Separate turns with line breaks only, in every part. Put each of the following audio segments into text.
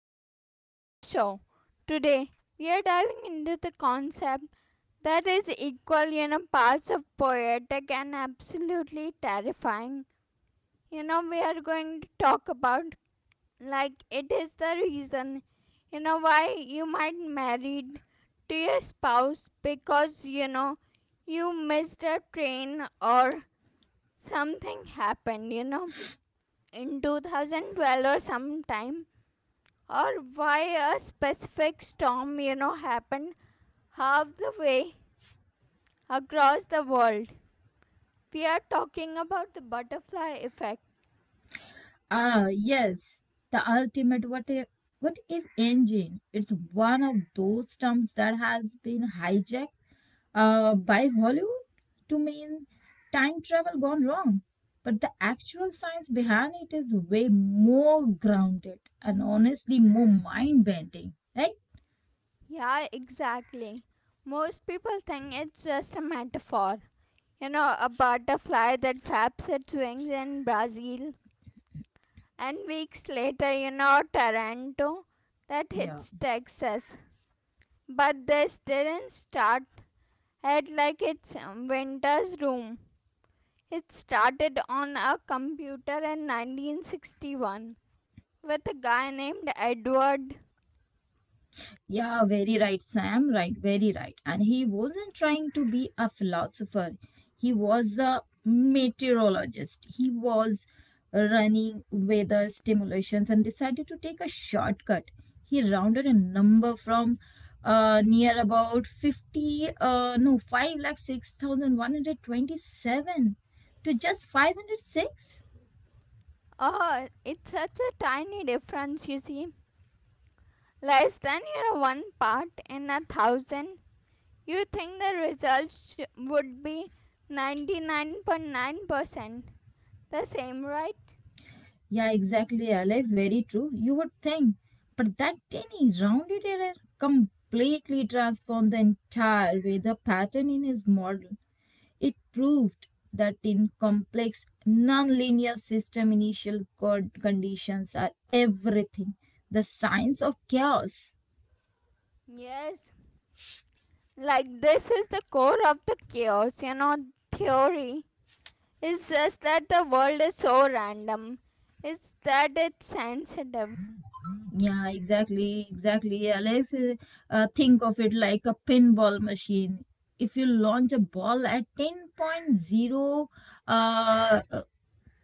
welcome back to the show. Today, we are diving into the concept that is equal parts of poetic and absolutely terrifying. We are going to talk about like it is the reason why you might married to your spouse because you missed a train or something happened. In 2012 or sometime, or why a specific storm happened half the way across the world. We are talking about the butterfly effect.
Ah, yes, the ultimate what if engine. It's one of those terms that has been hijacked by Hollywood to mean time travel gone wrong. But the actual science behind it is way more grounded and honestly more mind bending, right?
Yeah, exactly. Most people think it's just a metaphor. A butterfly that flaps its wings in Brazil and weeks later, Toronto that
Yeah.
hits Texas. But this didn't start at like its winter's room. It started on a computer in 1961 with a guy named Edward.
Yeah, very right, Sam. Right, very right. And he wasn't trying to be a philosopher, he was a meteorologist. He was running weather simulations and decided to take a shortcut. He rounded a number from near about 50, no, 5 lakh 6,127, to just 506.
Oh, it's such a tiny difference, you see. Less than your one part in a thousand. You think the results would be 99.9% the same, right?
Yeah, exactly, Alex. Very true. You would think. But that tiny rounded error completely transformed the entire way the pattern in his model. It proved that in complex, nonlinear system, initial conditions are everything. The science of chaos.
Yes. Like, this is the core of the chaos theory. It's just that the world is so random, it's that it's sensitive.
Yeah, exactly, exactly. Alex, think of it like a pinball machine. If you launch a ball at ten point zero, uh, uh,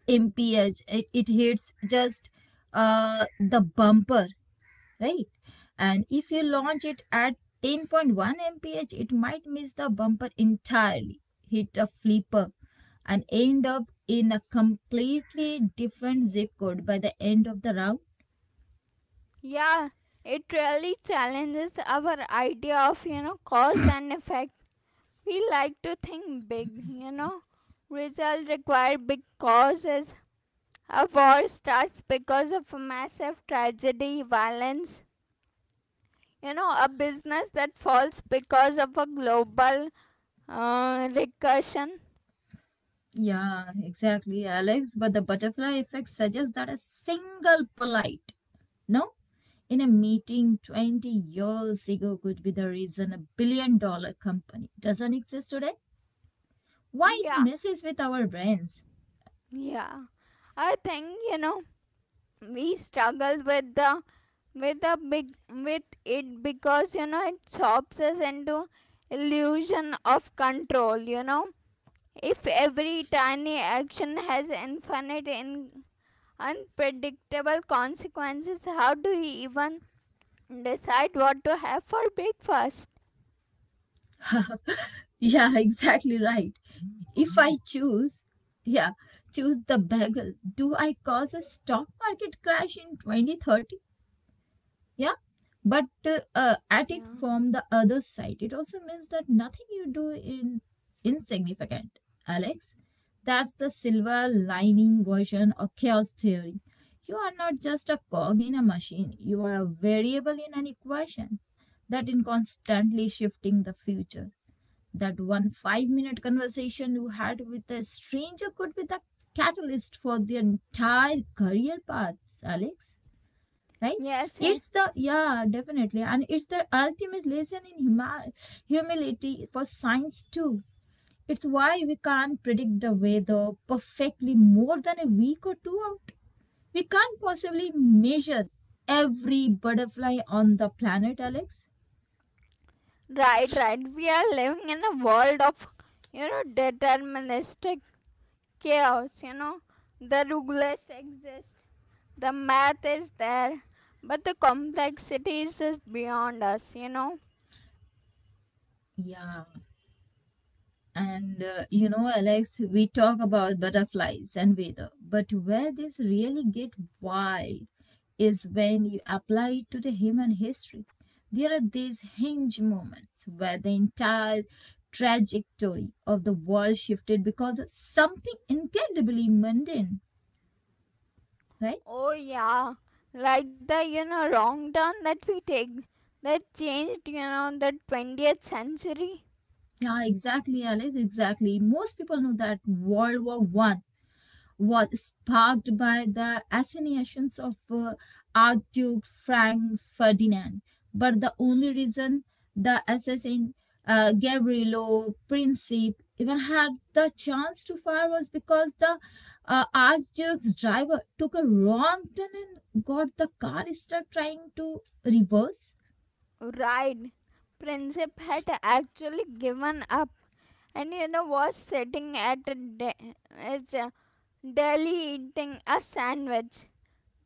impinge it, it hits just the bumper, right. And if you
Right.
launch it at 10.1 mph, it might miss the bumper entirely, hit a flipper, and end up in a completely different zip code by the end of the round.
Yeah, it really challenges our idea of cause and effect. We like to think big. Result require big causes. A war starts because of a massive tragedy, violence. A business that falls because of a global recursion.
Yeah, exactly, Alex, but the butterfly effect suggests that a single polite no in a meeting 20 years ago could be the reason $1 billion company doesn't exist today. Why it
Yeah,
messes with our brains.
yeah. I think, you know, we struggle with the big with it because it chops us into illusion of control. If every tiny action has infinite in unpredictable consequences, how do you even decide what to have for breakfast?
Yeah, exactly right. If I choose, yeah, choose the bagel, do I cause a stock market crash in 2030? Yeah, but at it
Yeah,
from the other side, it also means that nothing you do in insignificant, Alex. That's the silver
right,
lining version of chaos theory. You are not just a cog in a machine, you are a variable in an equation that in constantly shifting the future. That one 5-minute conversation you had with a stranger could be the catalyst for the entire career path, Alex. Right,
yes, yes,
it's the, yeah, definitely. And it's the ultimate lesson in humility for science too. It's why we can't predict the weather perfectly more than a week or two out. We can't possibly measure every butterfly on the planet, Alex.
right, right. We are living in a world of deterministic chaos. The rulers exist. The math is there, but the complexities is beyond us.
Yeah. And Alex, we talk about butterflies and weather, but where this really get wild is when you apply it to the human history. There are these hinge moments where the entire trajectory of the world shifted because of something incredibly mundane, right?
Oh yeah, like the wrong turn that we take that changed the 20th century.
Yeah, exactly, Alice, exactly. Most people know that World War One was sparked by the assassinations of Archduke Frank Ferdinand. But the only reason the assassin, Gabriello Princip, even had the chance to fire was because the Archduke's driver took a wrong turn and got the car stuck trying to reverse.
Right, Princip had actually given up, and was sitting at a de- his deli eating a sandwich.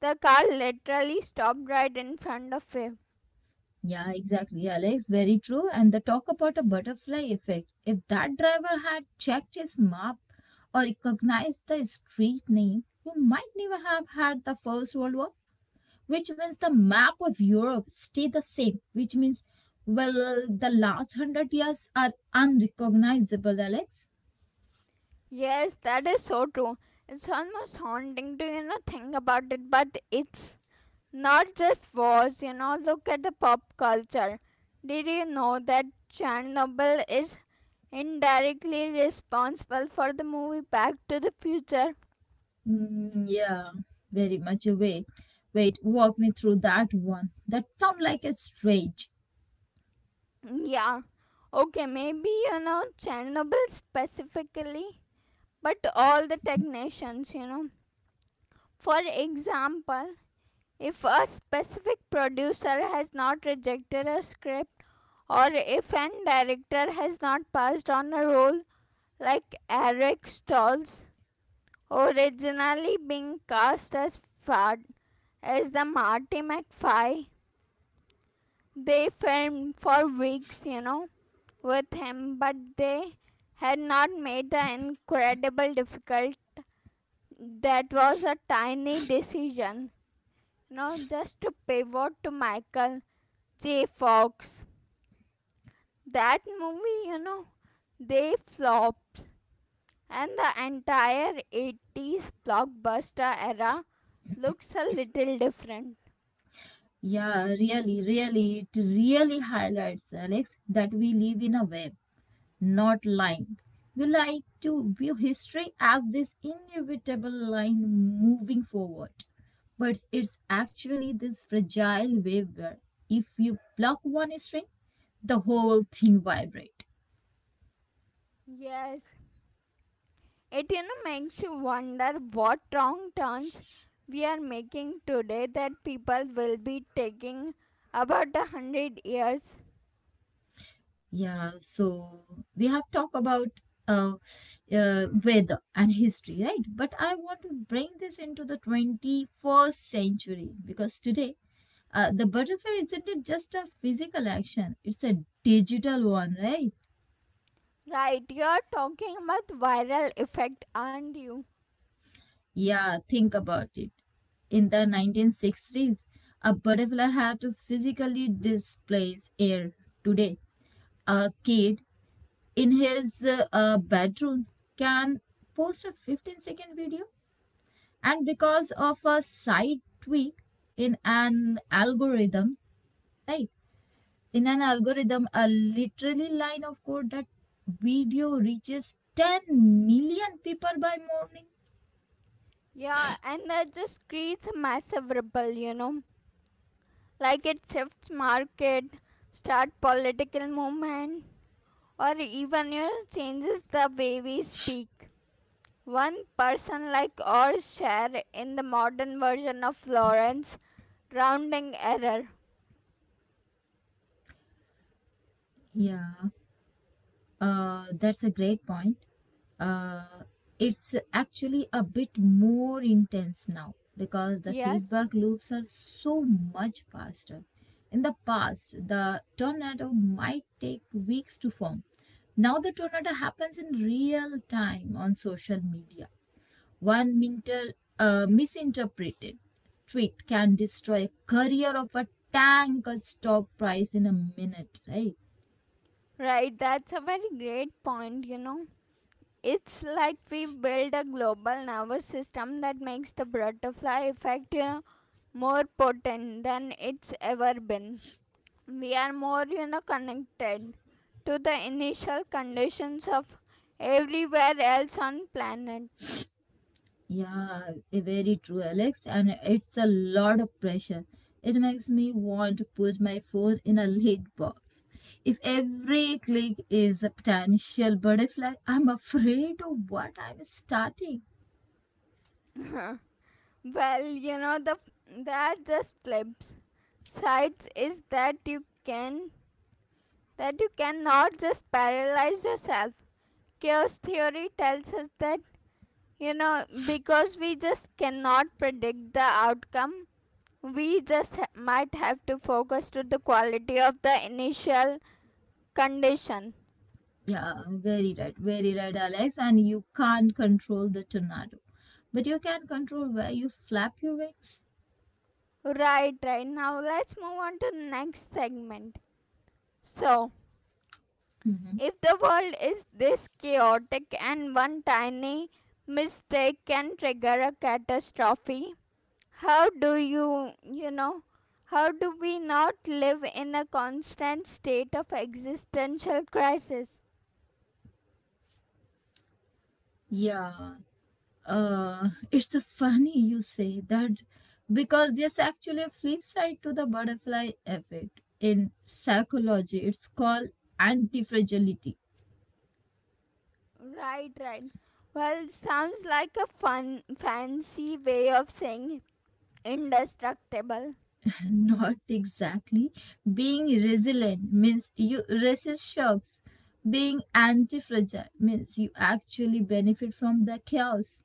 The car literally stopped right in front of him.
Yeah, exactly, Alex. Very true. And the talk about a butterfly effect. If that driver had checked his map or recognized the street name, you might never have had the First World War, which means the map of Europe stayed the same, which means, well, the last hundred years are unrecognizable, Alex.
Yes, that is so true. It's almost haunting to think about it, but it's not just wars look at the pop culture. Did you know that Chernobyl is indirectly responsible for the movie Back to the Future?
Mm, yeah, very much. Wait, wait, walk me through that one. That sound like a stretch.
Yeah. Okay, maybe Chernobyl specifically, but all the technicians. For example, if a specific producer has not rejected a script, or if an director has not passed on a role like Eric Stoltz, originally being cast as Fad as the Marty McFly. They filmed for weeks with him, but they had not made the incredible difficult that was a tiny decision. Just to pivot to Michael J. Fox. That movie they flopped and the entire 80s blockbuster era looks a little different.
Yeah, really, really, it really highlights, Alex, that we live in a web, not line. We like to view history as this inevitable line moving forward. But it's actually this fragile web where if you pluck one string, the whole thing vibrates.
Yes, it makes you wonder what wrong turns we are making today that people will be taking about a hundred years.
Yeah, so we have talked about uh, weather and history, right? But I want to bring this into the 21st century because today the butterfly isn't it just a physical action, it's a digital one, right?
Right, you're talking about viral effect, aren't you?
Yeah, think about it. In the 1960s, a butterfly had to physically displace air. Today, a kid in his bedroom can post a 15-second video, and because of a slight tweak in an algorithm, right, in an algorithm, a literally line of code, that video reaches 10 million people by morning.
Yeah, and that just creates a massive ripple. Like it shifts market, start political movement, or even changes the way we speak. One person like or share in the modern version of Lawrence rounding error.
Yeah, that's a great point. Uh, it's actually a bit more intense now because the
Yes,
feedback loops are so much faster. In the past, the tornado might take weeks to form. Now, the tornado happens in real time on social media. One minter misinterpreted tweet can destroy a career of a tanker stock price in a minute, right?
right, that's a very great point. It's like we've built a global nervous system that makes the butterfly effect more potent than it's ever been. We are more connected to the initial conditions of everywhere else on planet.
Yeah, very true, Alex. And it's a lot of pressure. It makes me want to put my phone in a lid box. If every click is a potential butterfly, I'm afraid of what I'm starting.
Well, you know the that just flips sides is that can you cannot just paralyze yourself. Chaos theory tells us that you know because we just cannot predict the outcome, we just might have to focus to the quality of the initial condition.
Yeah, very right, very right, Alex. And you can't control the tornado, but you can control where you flap your wings.
Right, right. Now let's move on to the next segment. So,
Mhm.
if the world is this chaotic and one tiny mistake can trigger a catastrophe, how do you, you know, how do we not live in a constant state of existential crisis?
Yeah, it's a funny you say that because there's actually a flip side to the butterfly effect in psychology. It's called anti-fragility.
Right, right. Well, sounds like a fun, fancy way of saying indestructible.
Not exactly. Being resilient means you resist shocks. Being anti fragile means you actually benefit from the chaos.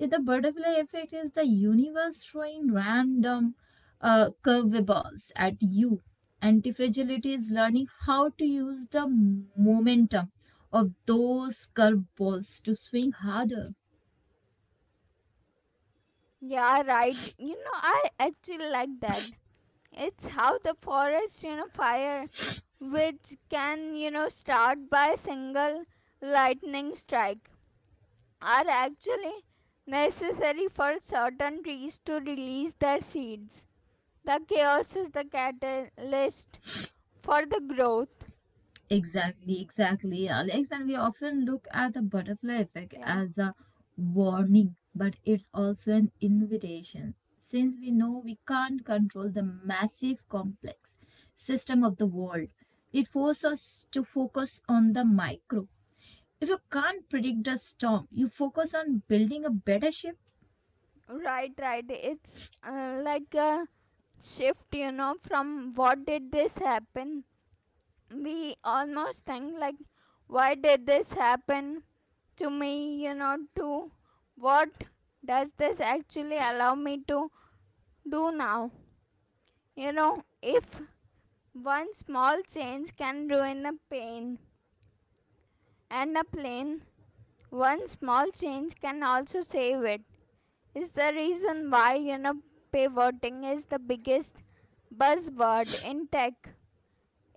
If the butterfly effect is the universe throwing random curveballs at you, anti fragility is learning how to use the momentum of those curveballs to swing harder.
Yeah, right. I actually like that. It's how the forest fire, which can start by a single lightning strike, are actually necessary for certain trees to release their seeds. The chaos is the catalyst for the growth.
Exactly, exactly, Alex. And we often look at the butterfly effect
Yeah,
as a warning, but it's also an invitation. Since we know we can't control the massive complex system of the world, it forces us to focus on the micro. If you can't predict a storm, you focus on building a better ship.
right, right. It's like a shift from what did this happen? We almost think like, why did this happen to me to what does this actually allow me to do now? If one small change can ruin a pain and a plane, one small change can also save it. Is the reason why pivoting is the biggest buzzword in tech.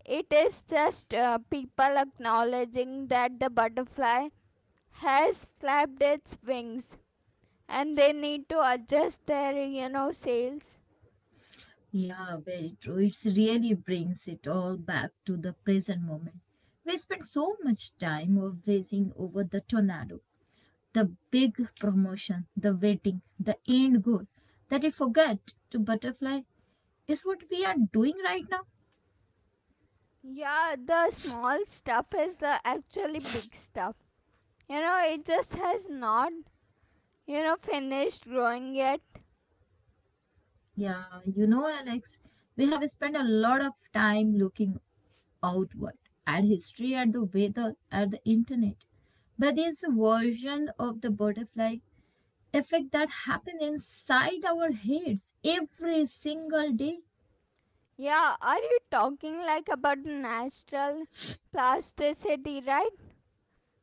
It is just people acknowledging that the butterfly has flapped its wings and they need to adjust their sales.
Yeah, very true. It really brings it all back to the present moment. We spend so much time obsessing over the tornado, the big promotion, the waiting, the end goal, that we forget to butterfly is what we are doing right now.
Yeah, the small stuff is the actually big stuff. It just has not finished growing yet.
Yeah, Alex, we have spent a lot of time looking outward at history, at the weather, at the internet. But there's a version of the butterfly effect that happens inside our heads every single day.
Yeah, are you talking like about the natural plasticity, right?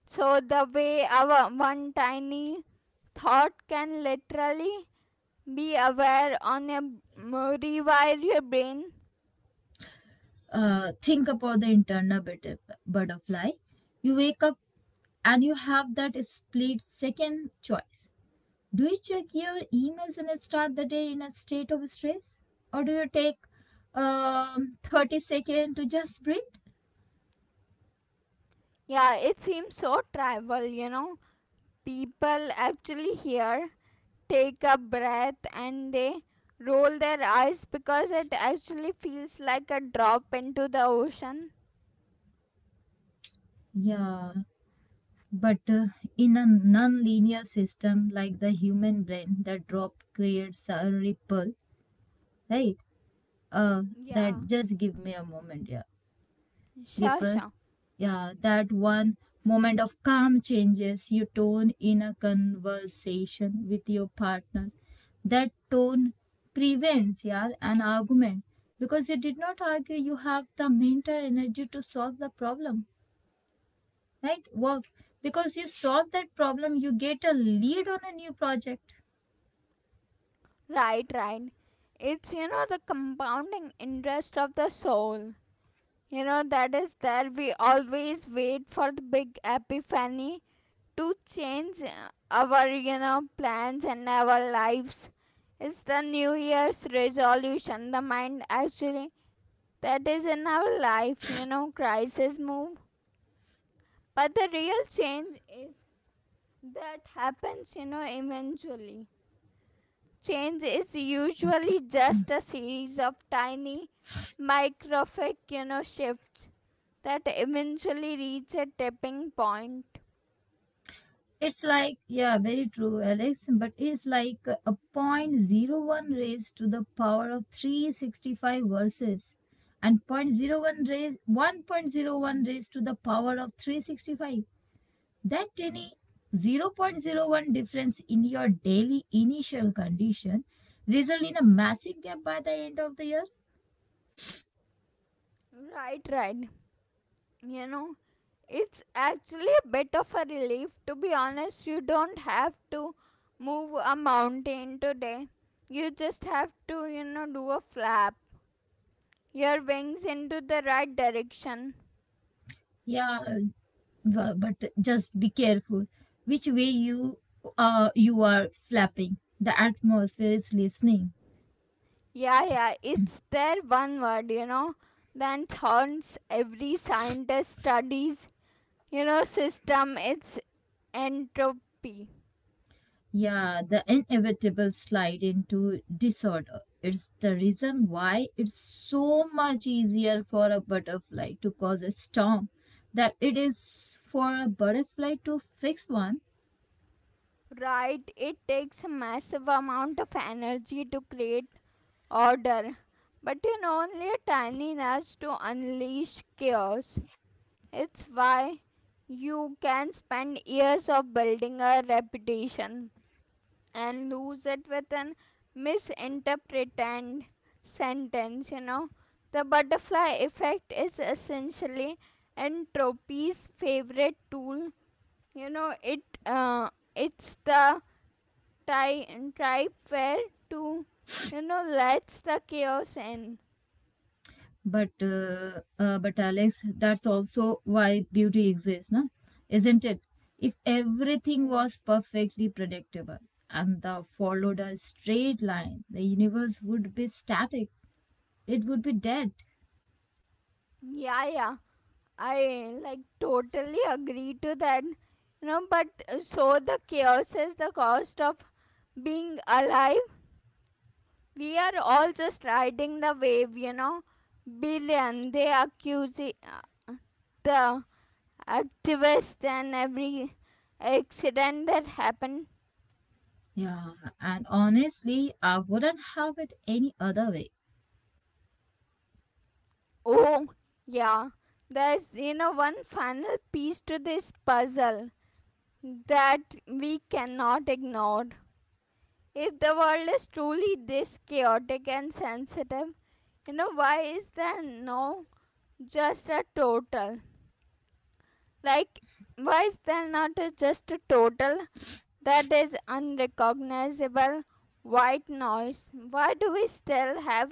So the way our one tiny thought can literally be aware on your rewire your brain.
Think about the internal butterfly. You wake up and you have that split second choice. Do you check your emails and start the day in a state of stress? Or do you take 30 seconds to just breathe?
Yeah, it seems so trivial. People actually here take a breath and they roll their eyes because it actually feels like a drop into the ocean.
Yeah, but in a non linear system like the human brain, that drop creates a ripple, right? Uh,
Yeah,
that just give me a moment, yeah.
sure,
Gipper.
sure.
Yeah, that one moment of calm changes your tone in a conversation with your partner. That tone prevents, yeah, an argument. Because you did not argue, you have the mental energy to solve the problem, right? Work, because you solve that problem, you get a lead on a new project.
Right, right. It's the compounding interest of the soul. That is there. We always wait for the big epiphany to change our plans and our lives. It's the New Year's resolution. The mind actually that is in our life, crisis move. But the real change is that happens eventually. Change is usually just a series of tiny microfic shifts that eventually reach a tipping point.
It's like, yeah, very true, Alex, but it's like a point zero one raised to the power of 365 verses and point zero one raised 1.01 raised to the power of 365. That tiny zero point zero 0.01 difference in your daily initial condition result in a massive gap by the end of the year.
Right, right. You know, it's actually a bit of a relief. To be honest, you don't have to move a mountain today. You just have to do a flap your wings into the right direction.
Yeah, but just be careful which way you you are flapping. The atmosphere is listening.
Yeah, yeah, it's their one word that haunts every scientist studies system. It's entropy.
Yeah, the inevitable slide into disorder. It's the reason why it's so much easier for a butterfly to cause a storm that it is for a butterfly to fix one.
Right, it takes a massive amount of energy to create order, but only a tiny nudge to unleash chaos. It's why you can spend years of building a reputation and lose it with an misinterpreted sentence. The butterfly effect is essentially entropy's favorite tool you know it uh, it's the ty- type where to lets the chaos in.
But Alex, that's also why beauty exists, no? Isn't it? If everything was perfectly predictable and the followed a straight line, the universe would be static. It would be dead.
Yeah, yeah, I like totally agree to that, but so the chaos is the cost of being alive. We are all just riding the wave. Billion, they accuse the activists and every accident that happened.
Yeah, and honestly, I wouldn't have it any other way.
Oh, yeah. There's one final piece to this puzzle that we cannot ignore. If the world is truly this chaotic and sensitive why is there no just a total? Like, why is there not just a total that is unrecognizable white noise. Why do we still have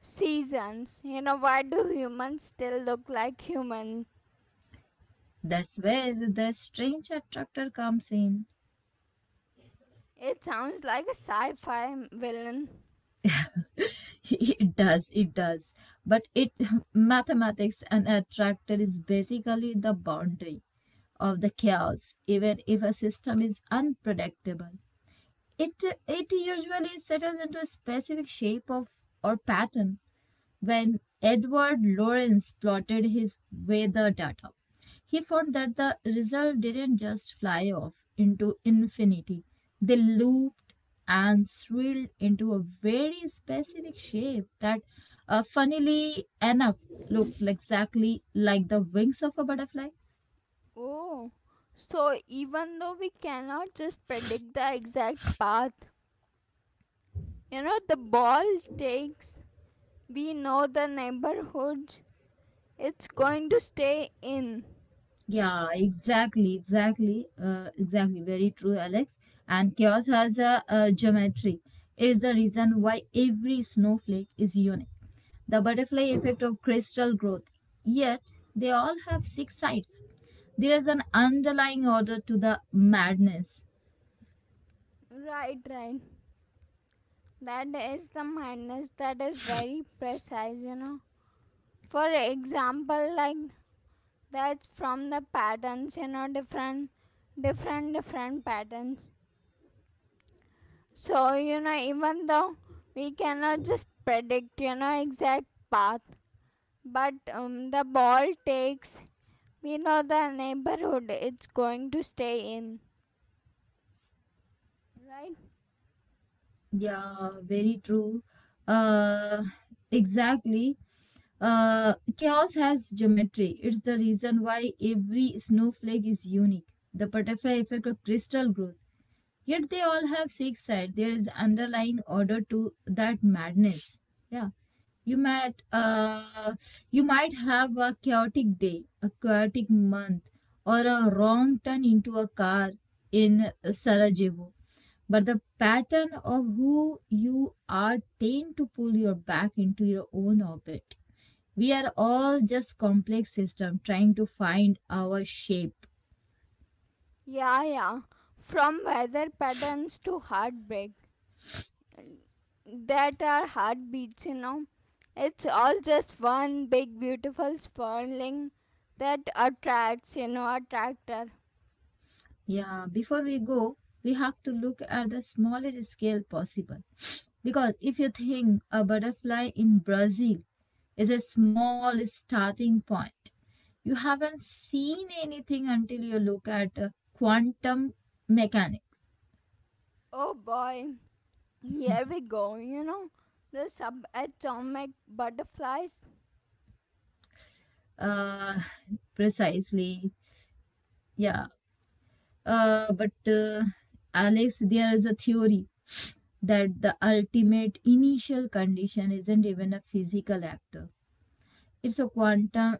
seasons? Why do humans still look like human?
That's where the strange attractor comes in.
It sounds like a sci fi villain.
It does, it does. But it mathematics and attractor is basically the boundary of the chaos, even if a system is unpredictable. It usually settles into a specific shape of or pattern. When Edward Lorenz plotted his weather data, he found that the result didn't just fly off into infinity, they looped and swirled into a very specific shape that, funnily enough, looked exactly like the wings of a butterfly.
Oh, so even though we cannot just predict the exact path the ball takes, we know the neighborhood it's going to stay in.
Yeah, exactly, exactly, exactly. Very true, Alex. And chaos has a geometry. It is the reason why every snowflake is unique. The butterfly effect of crystal growth. Yet they all have six sides. There is an underlying order to the madness.
Right, right. That is the madness that is very precise. For example, like that's from the patterns different patterns. So even though we cannot just predict exact path, but the ball takes, we know the neighborhood it's going to stay in, right?
Yeah, very true. Uh, exactly. Chaos has geometry. It's the reason why every snowflake is unique. The butterfly effect of crystal growth. Yet they all have six sides. There is underlying order to that madness. Yeah. You might uh, you might have a chaotic day, a chaotic month, or a wrong turn into a car in Sarajevo. But the pattern of who you are tend to pull you back into your own orbit. We are all just complex system trying to find our shape.
Yeah, yeah. From weather patterns to heartbreak that are heartbeats. It's all just one big beautiful swirling that attracts attractor.
Yeah, before we go we have to look at the smallest scale possible because if you think a butterfly in Brazil is a small starting point, you haven't seen anything until you look at quantum mechanics.
Oh boy, here we go the subatomic butterflies.
uh, precisely. Yeah. But Alex, there is a theory that the ultimate initial condition isn't even a physical actor. It's a quantum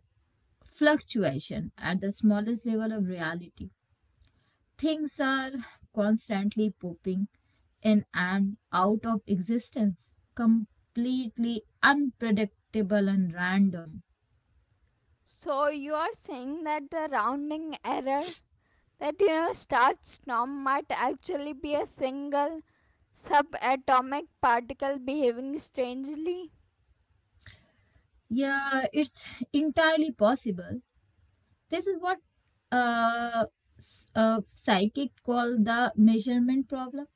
fluctuation at the smallest level of reality. Things are constantly popping in and out of existence, completely unpredictable and random.
So you are saying that the rounding error that starts storm might actually be a single subatomic particle behaving strangely?
Yeah, it's entirely possible. This is what uh, a psychic call the measurement problem.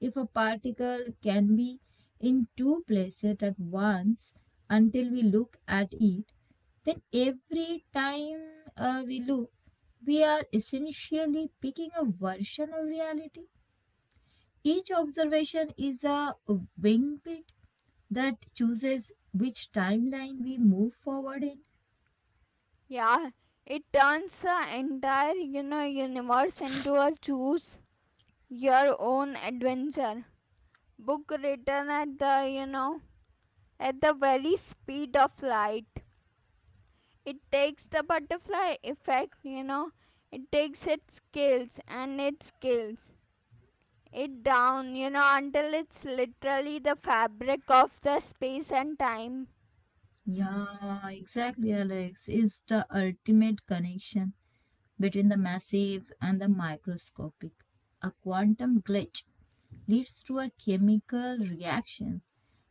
If a particle can be in two places at once until we look at it, then every time we look, we are essentially picking a version of reality. Each observation is a wingtip that chooses which timeline we move forward in.
Yeah, it turns the entire universe into a choose your own adventure book written at the very speed of light. It takes the butterfly effect. It takes its scales and it scales it down until it's literally the fabric of the space and time.
Yeah, exactly, Alex. Is the ultimate connection between the massive and the microscopic. A quantum glitch leads to a chemical reaction,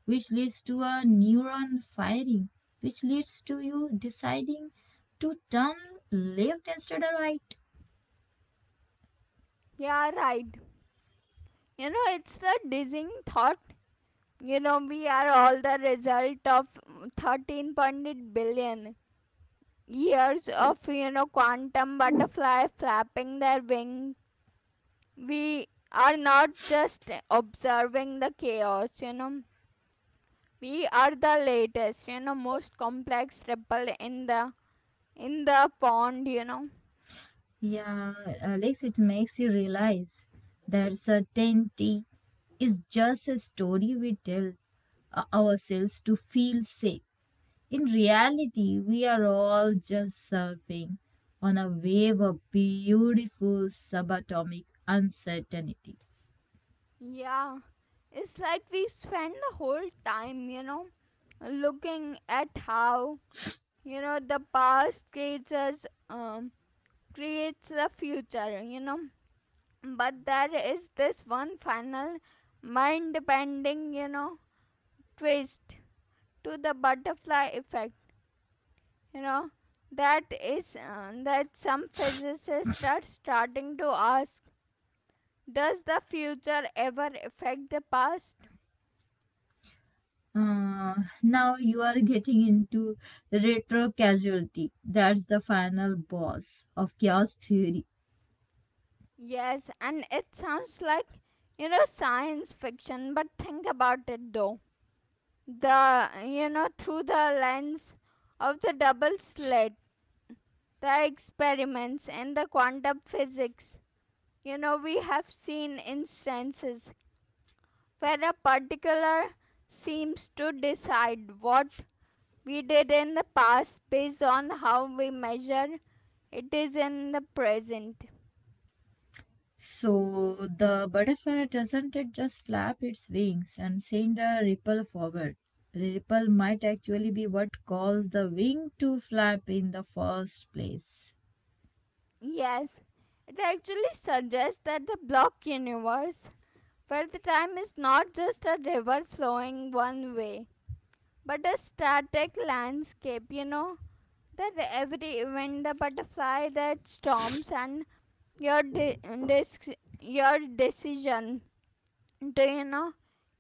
which leads to a neuron firing, which leads to you deciding to turn left instead of right.
Yeah, right. It's the dizzying thought. We are all the result of 13.8 billion years of quantum butterfly flapping their wing. We are not just observing the chaos. We are the latest most complex ripple in the pond.
Yeah, Alex, it makes you realize that certainty is just a story we tell ourselves to feel safe. In reality, we are all just surfing on a wave of beautiful subatomic uncertainty.
Yeah. It's like we spend the whole time looking at how the past creatures creates the future. But there is this one final mind bending, twist to the butterfly effect, you know. That is that some physicists are starting to ask, does the future ever affect the past?
Uh, Now you are getting into retro casualty. That's the final boss of chaos theory.
Yes, and it sounds like science fiction, but think about it though. The you know Through the lens of the double slit, the experiments in the quantum physics. You know, we have seen instances where a particular seems to decide what we did in the past based on how we measure it is in the present.
So the butterfly doesn't it just flap its wings and send a ripple forward. Ripple might actually be what caused the wing to flap in the first place.
Yes, it actually suggests that the block universe, where the time is not just a river flowing one way, but a static landscape, you know, that every when the butterfly that storms and your de- dis- your decision, do you know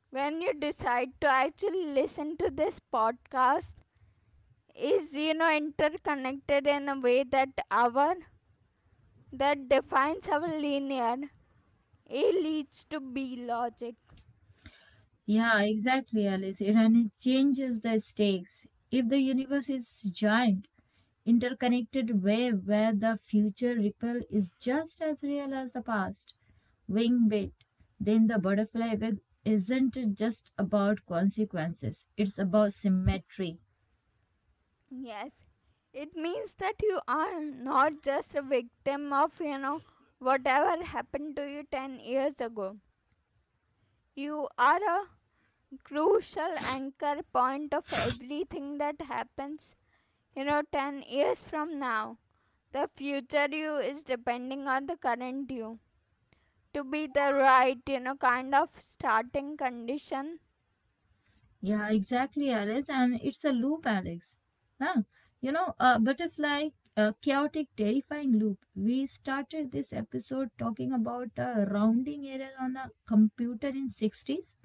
when you decide to actually listen to this podcast, is interconnected in a way that our that defines our linear, a leads to b logic.
Yeah, exactly, Alice. It and it changes the stakes. If the universe is giant, interconnected wave where the future ripple is just as real as the past, wing bit, then the butterfly effect isn't just about consequences. It's about symmetry.
Yes, it means that you are not just a victim of whatever happened to you 10 years ago. You are a crucial anchor point of everything that happens. You know, 10 years from now, the future you is depending on the current you to be the right, kind of starting condition.
Yeah, exactly, Alice. And it's a loop, Alex. Huh? You know, a butterfly, a chaotic, terrifying loop. We started this episode talking about a rounding error on a computer in 60's,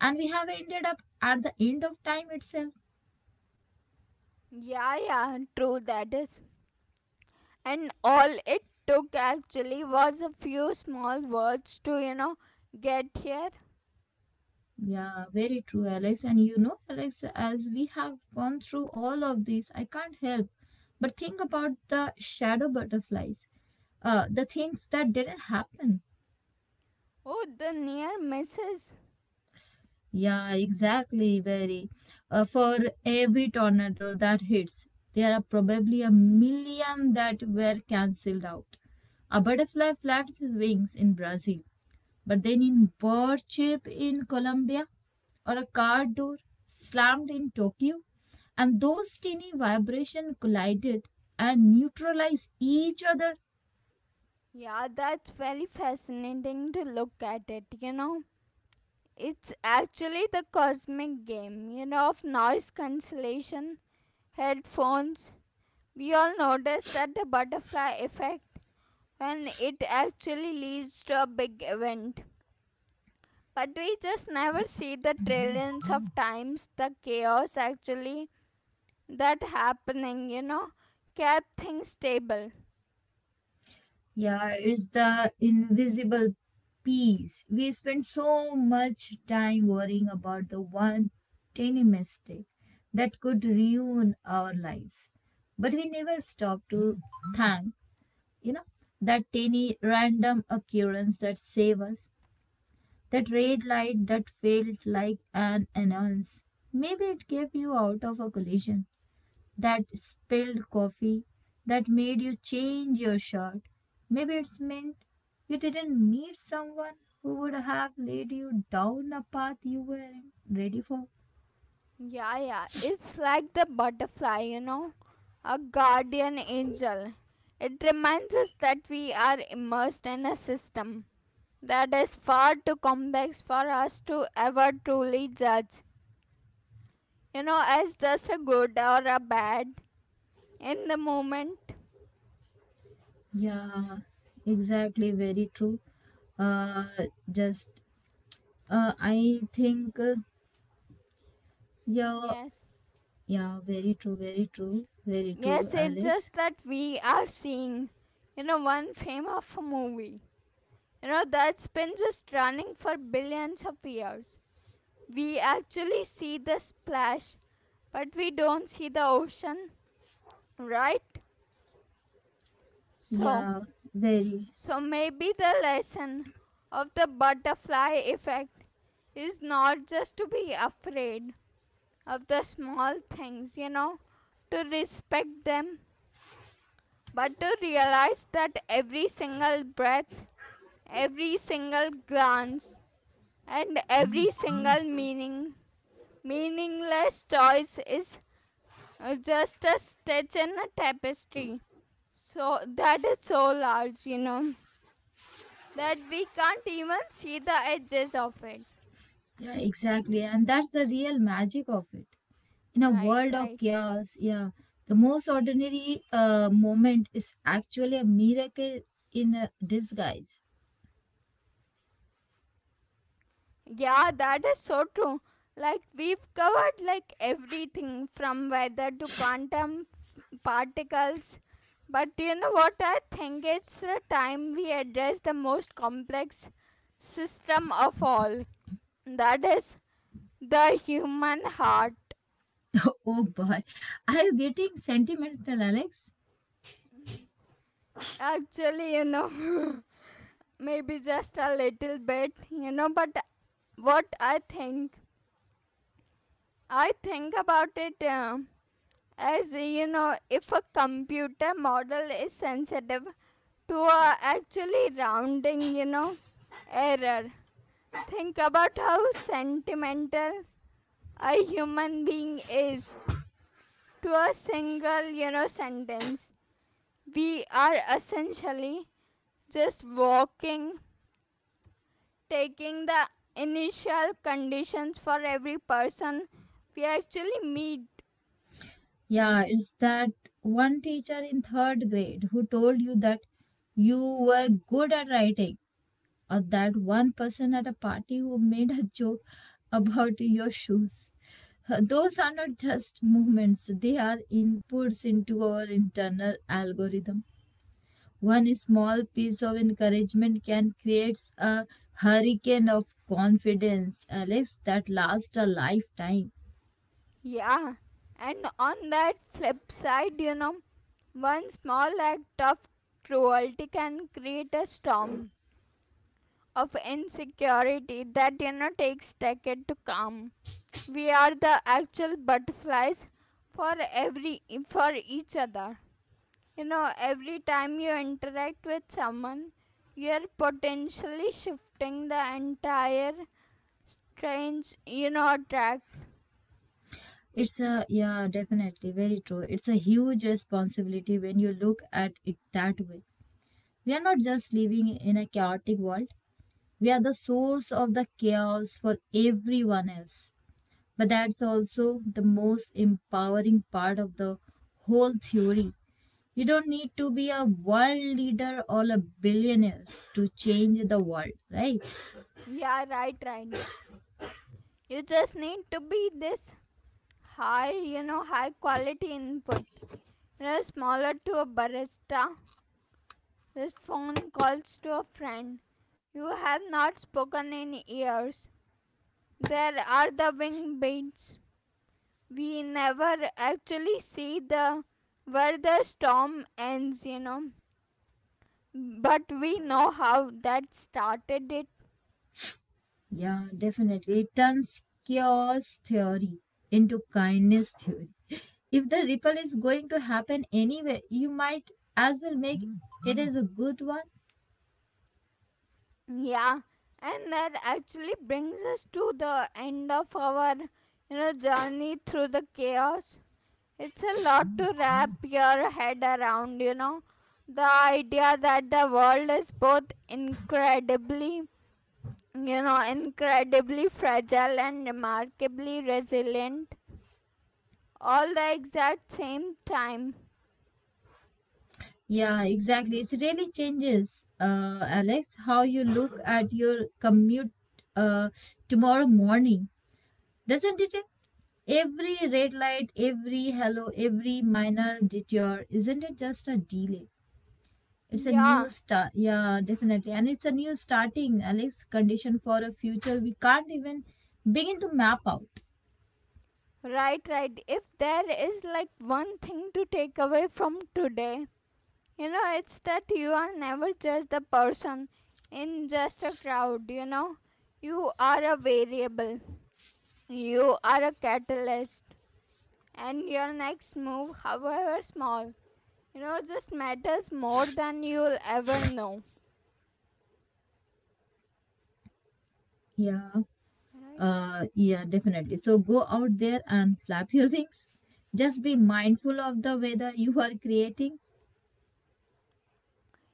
and we have ended up at the end of time itself.
Yeah, yeah, true that is. And all it took actually was a few small words to, get here.
Yeah, very true, Alex. And you know, Alex, as we have gone through all of this, I can't help but think about the shadow butterflies, the things that didn't happen.
Oh, the near misses.
Yeah, exactly. Very. For every tornado that hits, there are probably a million that were cancelled out. A butterfly flaps its wings in Brazil, but then in bird chirp in Colombia, or a car door slammed in Tokyo, and those tiny vibrations collided and neutralized each other.
Yeah, that's very fascinating to look at it. It's actually the cosmic game, of noise cancellation headphones. We all notice that the butterfly effect when it actually leads to a big event. But we just never see the trillions of times the chaos actually that happening, kept things stable.
Yeah, it's the invisible piece. We spend so much time worrying about the one tiny mistake that could ruin our lives. But we never stop to thank, you know, that tiny random occurrence that saved us, that red light that felt like an annoyance. Maybe it kept you out of a collision that spilled coffee that made you change your shirt. Maybe it's meant you didn't meet someone who would have led you down a path you weren't ready for.
Yeah, yeah. It's like the butterfly, a guardian angel. It reminds us that we are immersed in a system that is far too complex for us to ever truly judge, as just a good or a bad in the moment.
Yeah, exactly. Very true. Uh, just I think yeah,
Yes.
yeah. Very true. Very true. Very true,
Yes, it's just
Alex.
that we are seeing, one frame of a movie, that's been just running for billions of years. We actually see the splash, but we don't see the ocean, right? So,
Yeah, very.
so maybe the lesson of the butterfly effect is not just to be afraid of the small things, to respect them, but to realize that every single breath, every single glance, and every single meaningless choice is just a stitch in a tapestry. So that is so large, that we can't even see the edges of it.
Yeah, exactly. And that's the real magic of it in a
Right,
world of
right.
chaos, yeah, the most ordinary moment is actually a miracle in a disguise.
Yeah, that is so true. Like we've covered like everything from weather to quantum particles. But you know what, I think it's the time we address the most complex system of all. That is the human heart.
Oh boy, are you getting sentimental, Alex?
Actually, you know, maybe just a little bit, you know, but what I think about it as you know, if a computer model is sensitive to actually rounding, error, think about how sentimental a human being is to a single, sentence. We are essentially just walking, taking the initial conditions for every person we actually meet.
Yeah, it's that one teacher in third grade who told you that you were good at writing or that one person at a party who made a joke about your shoes. Those are not just movements, they are inputs into our internal algorithm. One small piece of encouragement can create a hurricane of confidence, Alex, that lasts a lifetime.
Yeah, and on that flip side, one small act of cruelty can create a storm of insecurity that takes decades to calm. We are the actual butterflies for every for each other. You know, every time you interact with someone, you're potentially shifting the entire strange, attract.
It's a, yeah, definitely, very true. It's a huge responsibility when you look at it that way. We are not just living in a chaotic world, we are the source of the chaos for everyone else. But that's also the most empowering part of the whole theory. You don't need to be a world leader or a billionaire to change the world, right?
Yeah, right, right. You just need to be this high quality input. You know, smaller to a barista. This phone calls to a friend. You have not spoken in years. There are the wing beats. We never actually see the where the storm ends, but we know how that started it.
Yeah, definitely. It turns chaos theory into kindness theory. If the ripple is going to happen anyway, you might as well make it as a good one.
Yeah, and that actually brings us to the end of our, journey through the chaos. It's a lot to wrap your head around, you know the idea that the world is both incredibly you know incredibly fragile and remarkably resilient all the exact same time.
Yeah, exactly. It really changes, Alex, how you look at your commute uh, tomorrow morning, doesn't it? Every red light, every hello, every minor detour, isn't it just a delay? It's a
Yeah,
new start. Yeah, definitely. And it's a new starting, Alex, condition for a future we can't even begin to map out.
right, right. If there is like one thing to take away from today, it's that you are never just the person in just a crowd, you know. You are a variable, you are a catalyst, and your next move, however small, just matters more than you'll ever know.
Yeah,
Right?
yeah, definitely. So go out there and flap your wings. Just be mindful of the weather you are creating.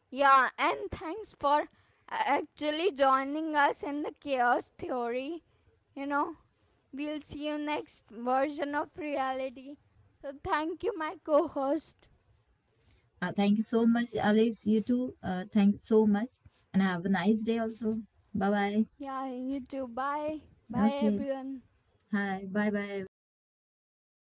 Yeah, and thanks for actually joining us in the chaos theory. You know, we'll see you next version of reality. So, thank you, my co host.
Thank you so much, Alex. You too. Thank you so much. And have a nice day also. Bye bye.
Yeah, you too. Bye. Bye,
Okay.
everyone.
Hi. Bye bye, everyone.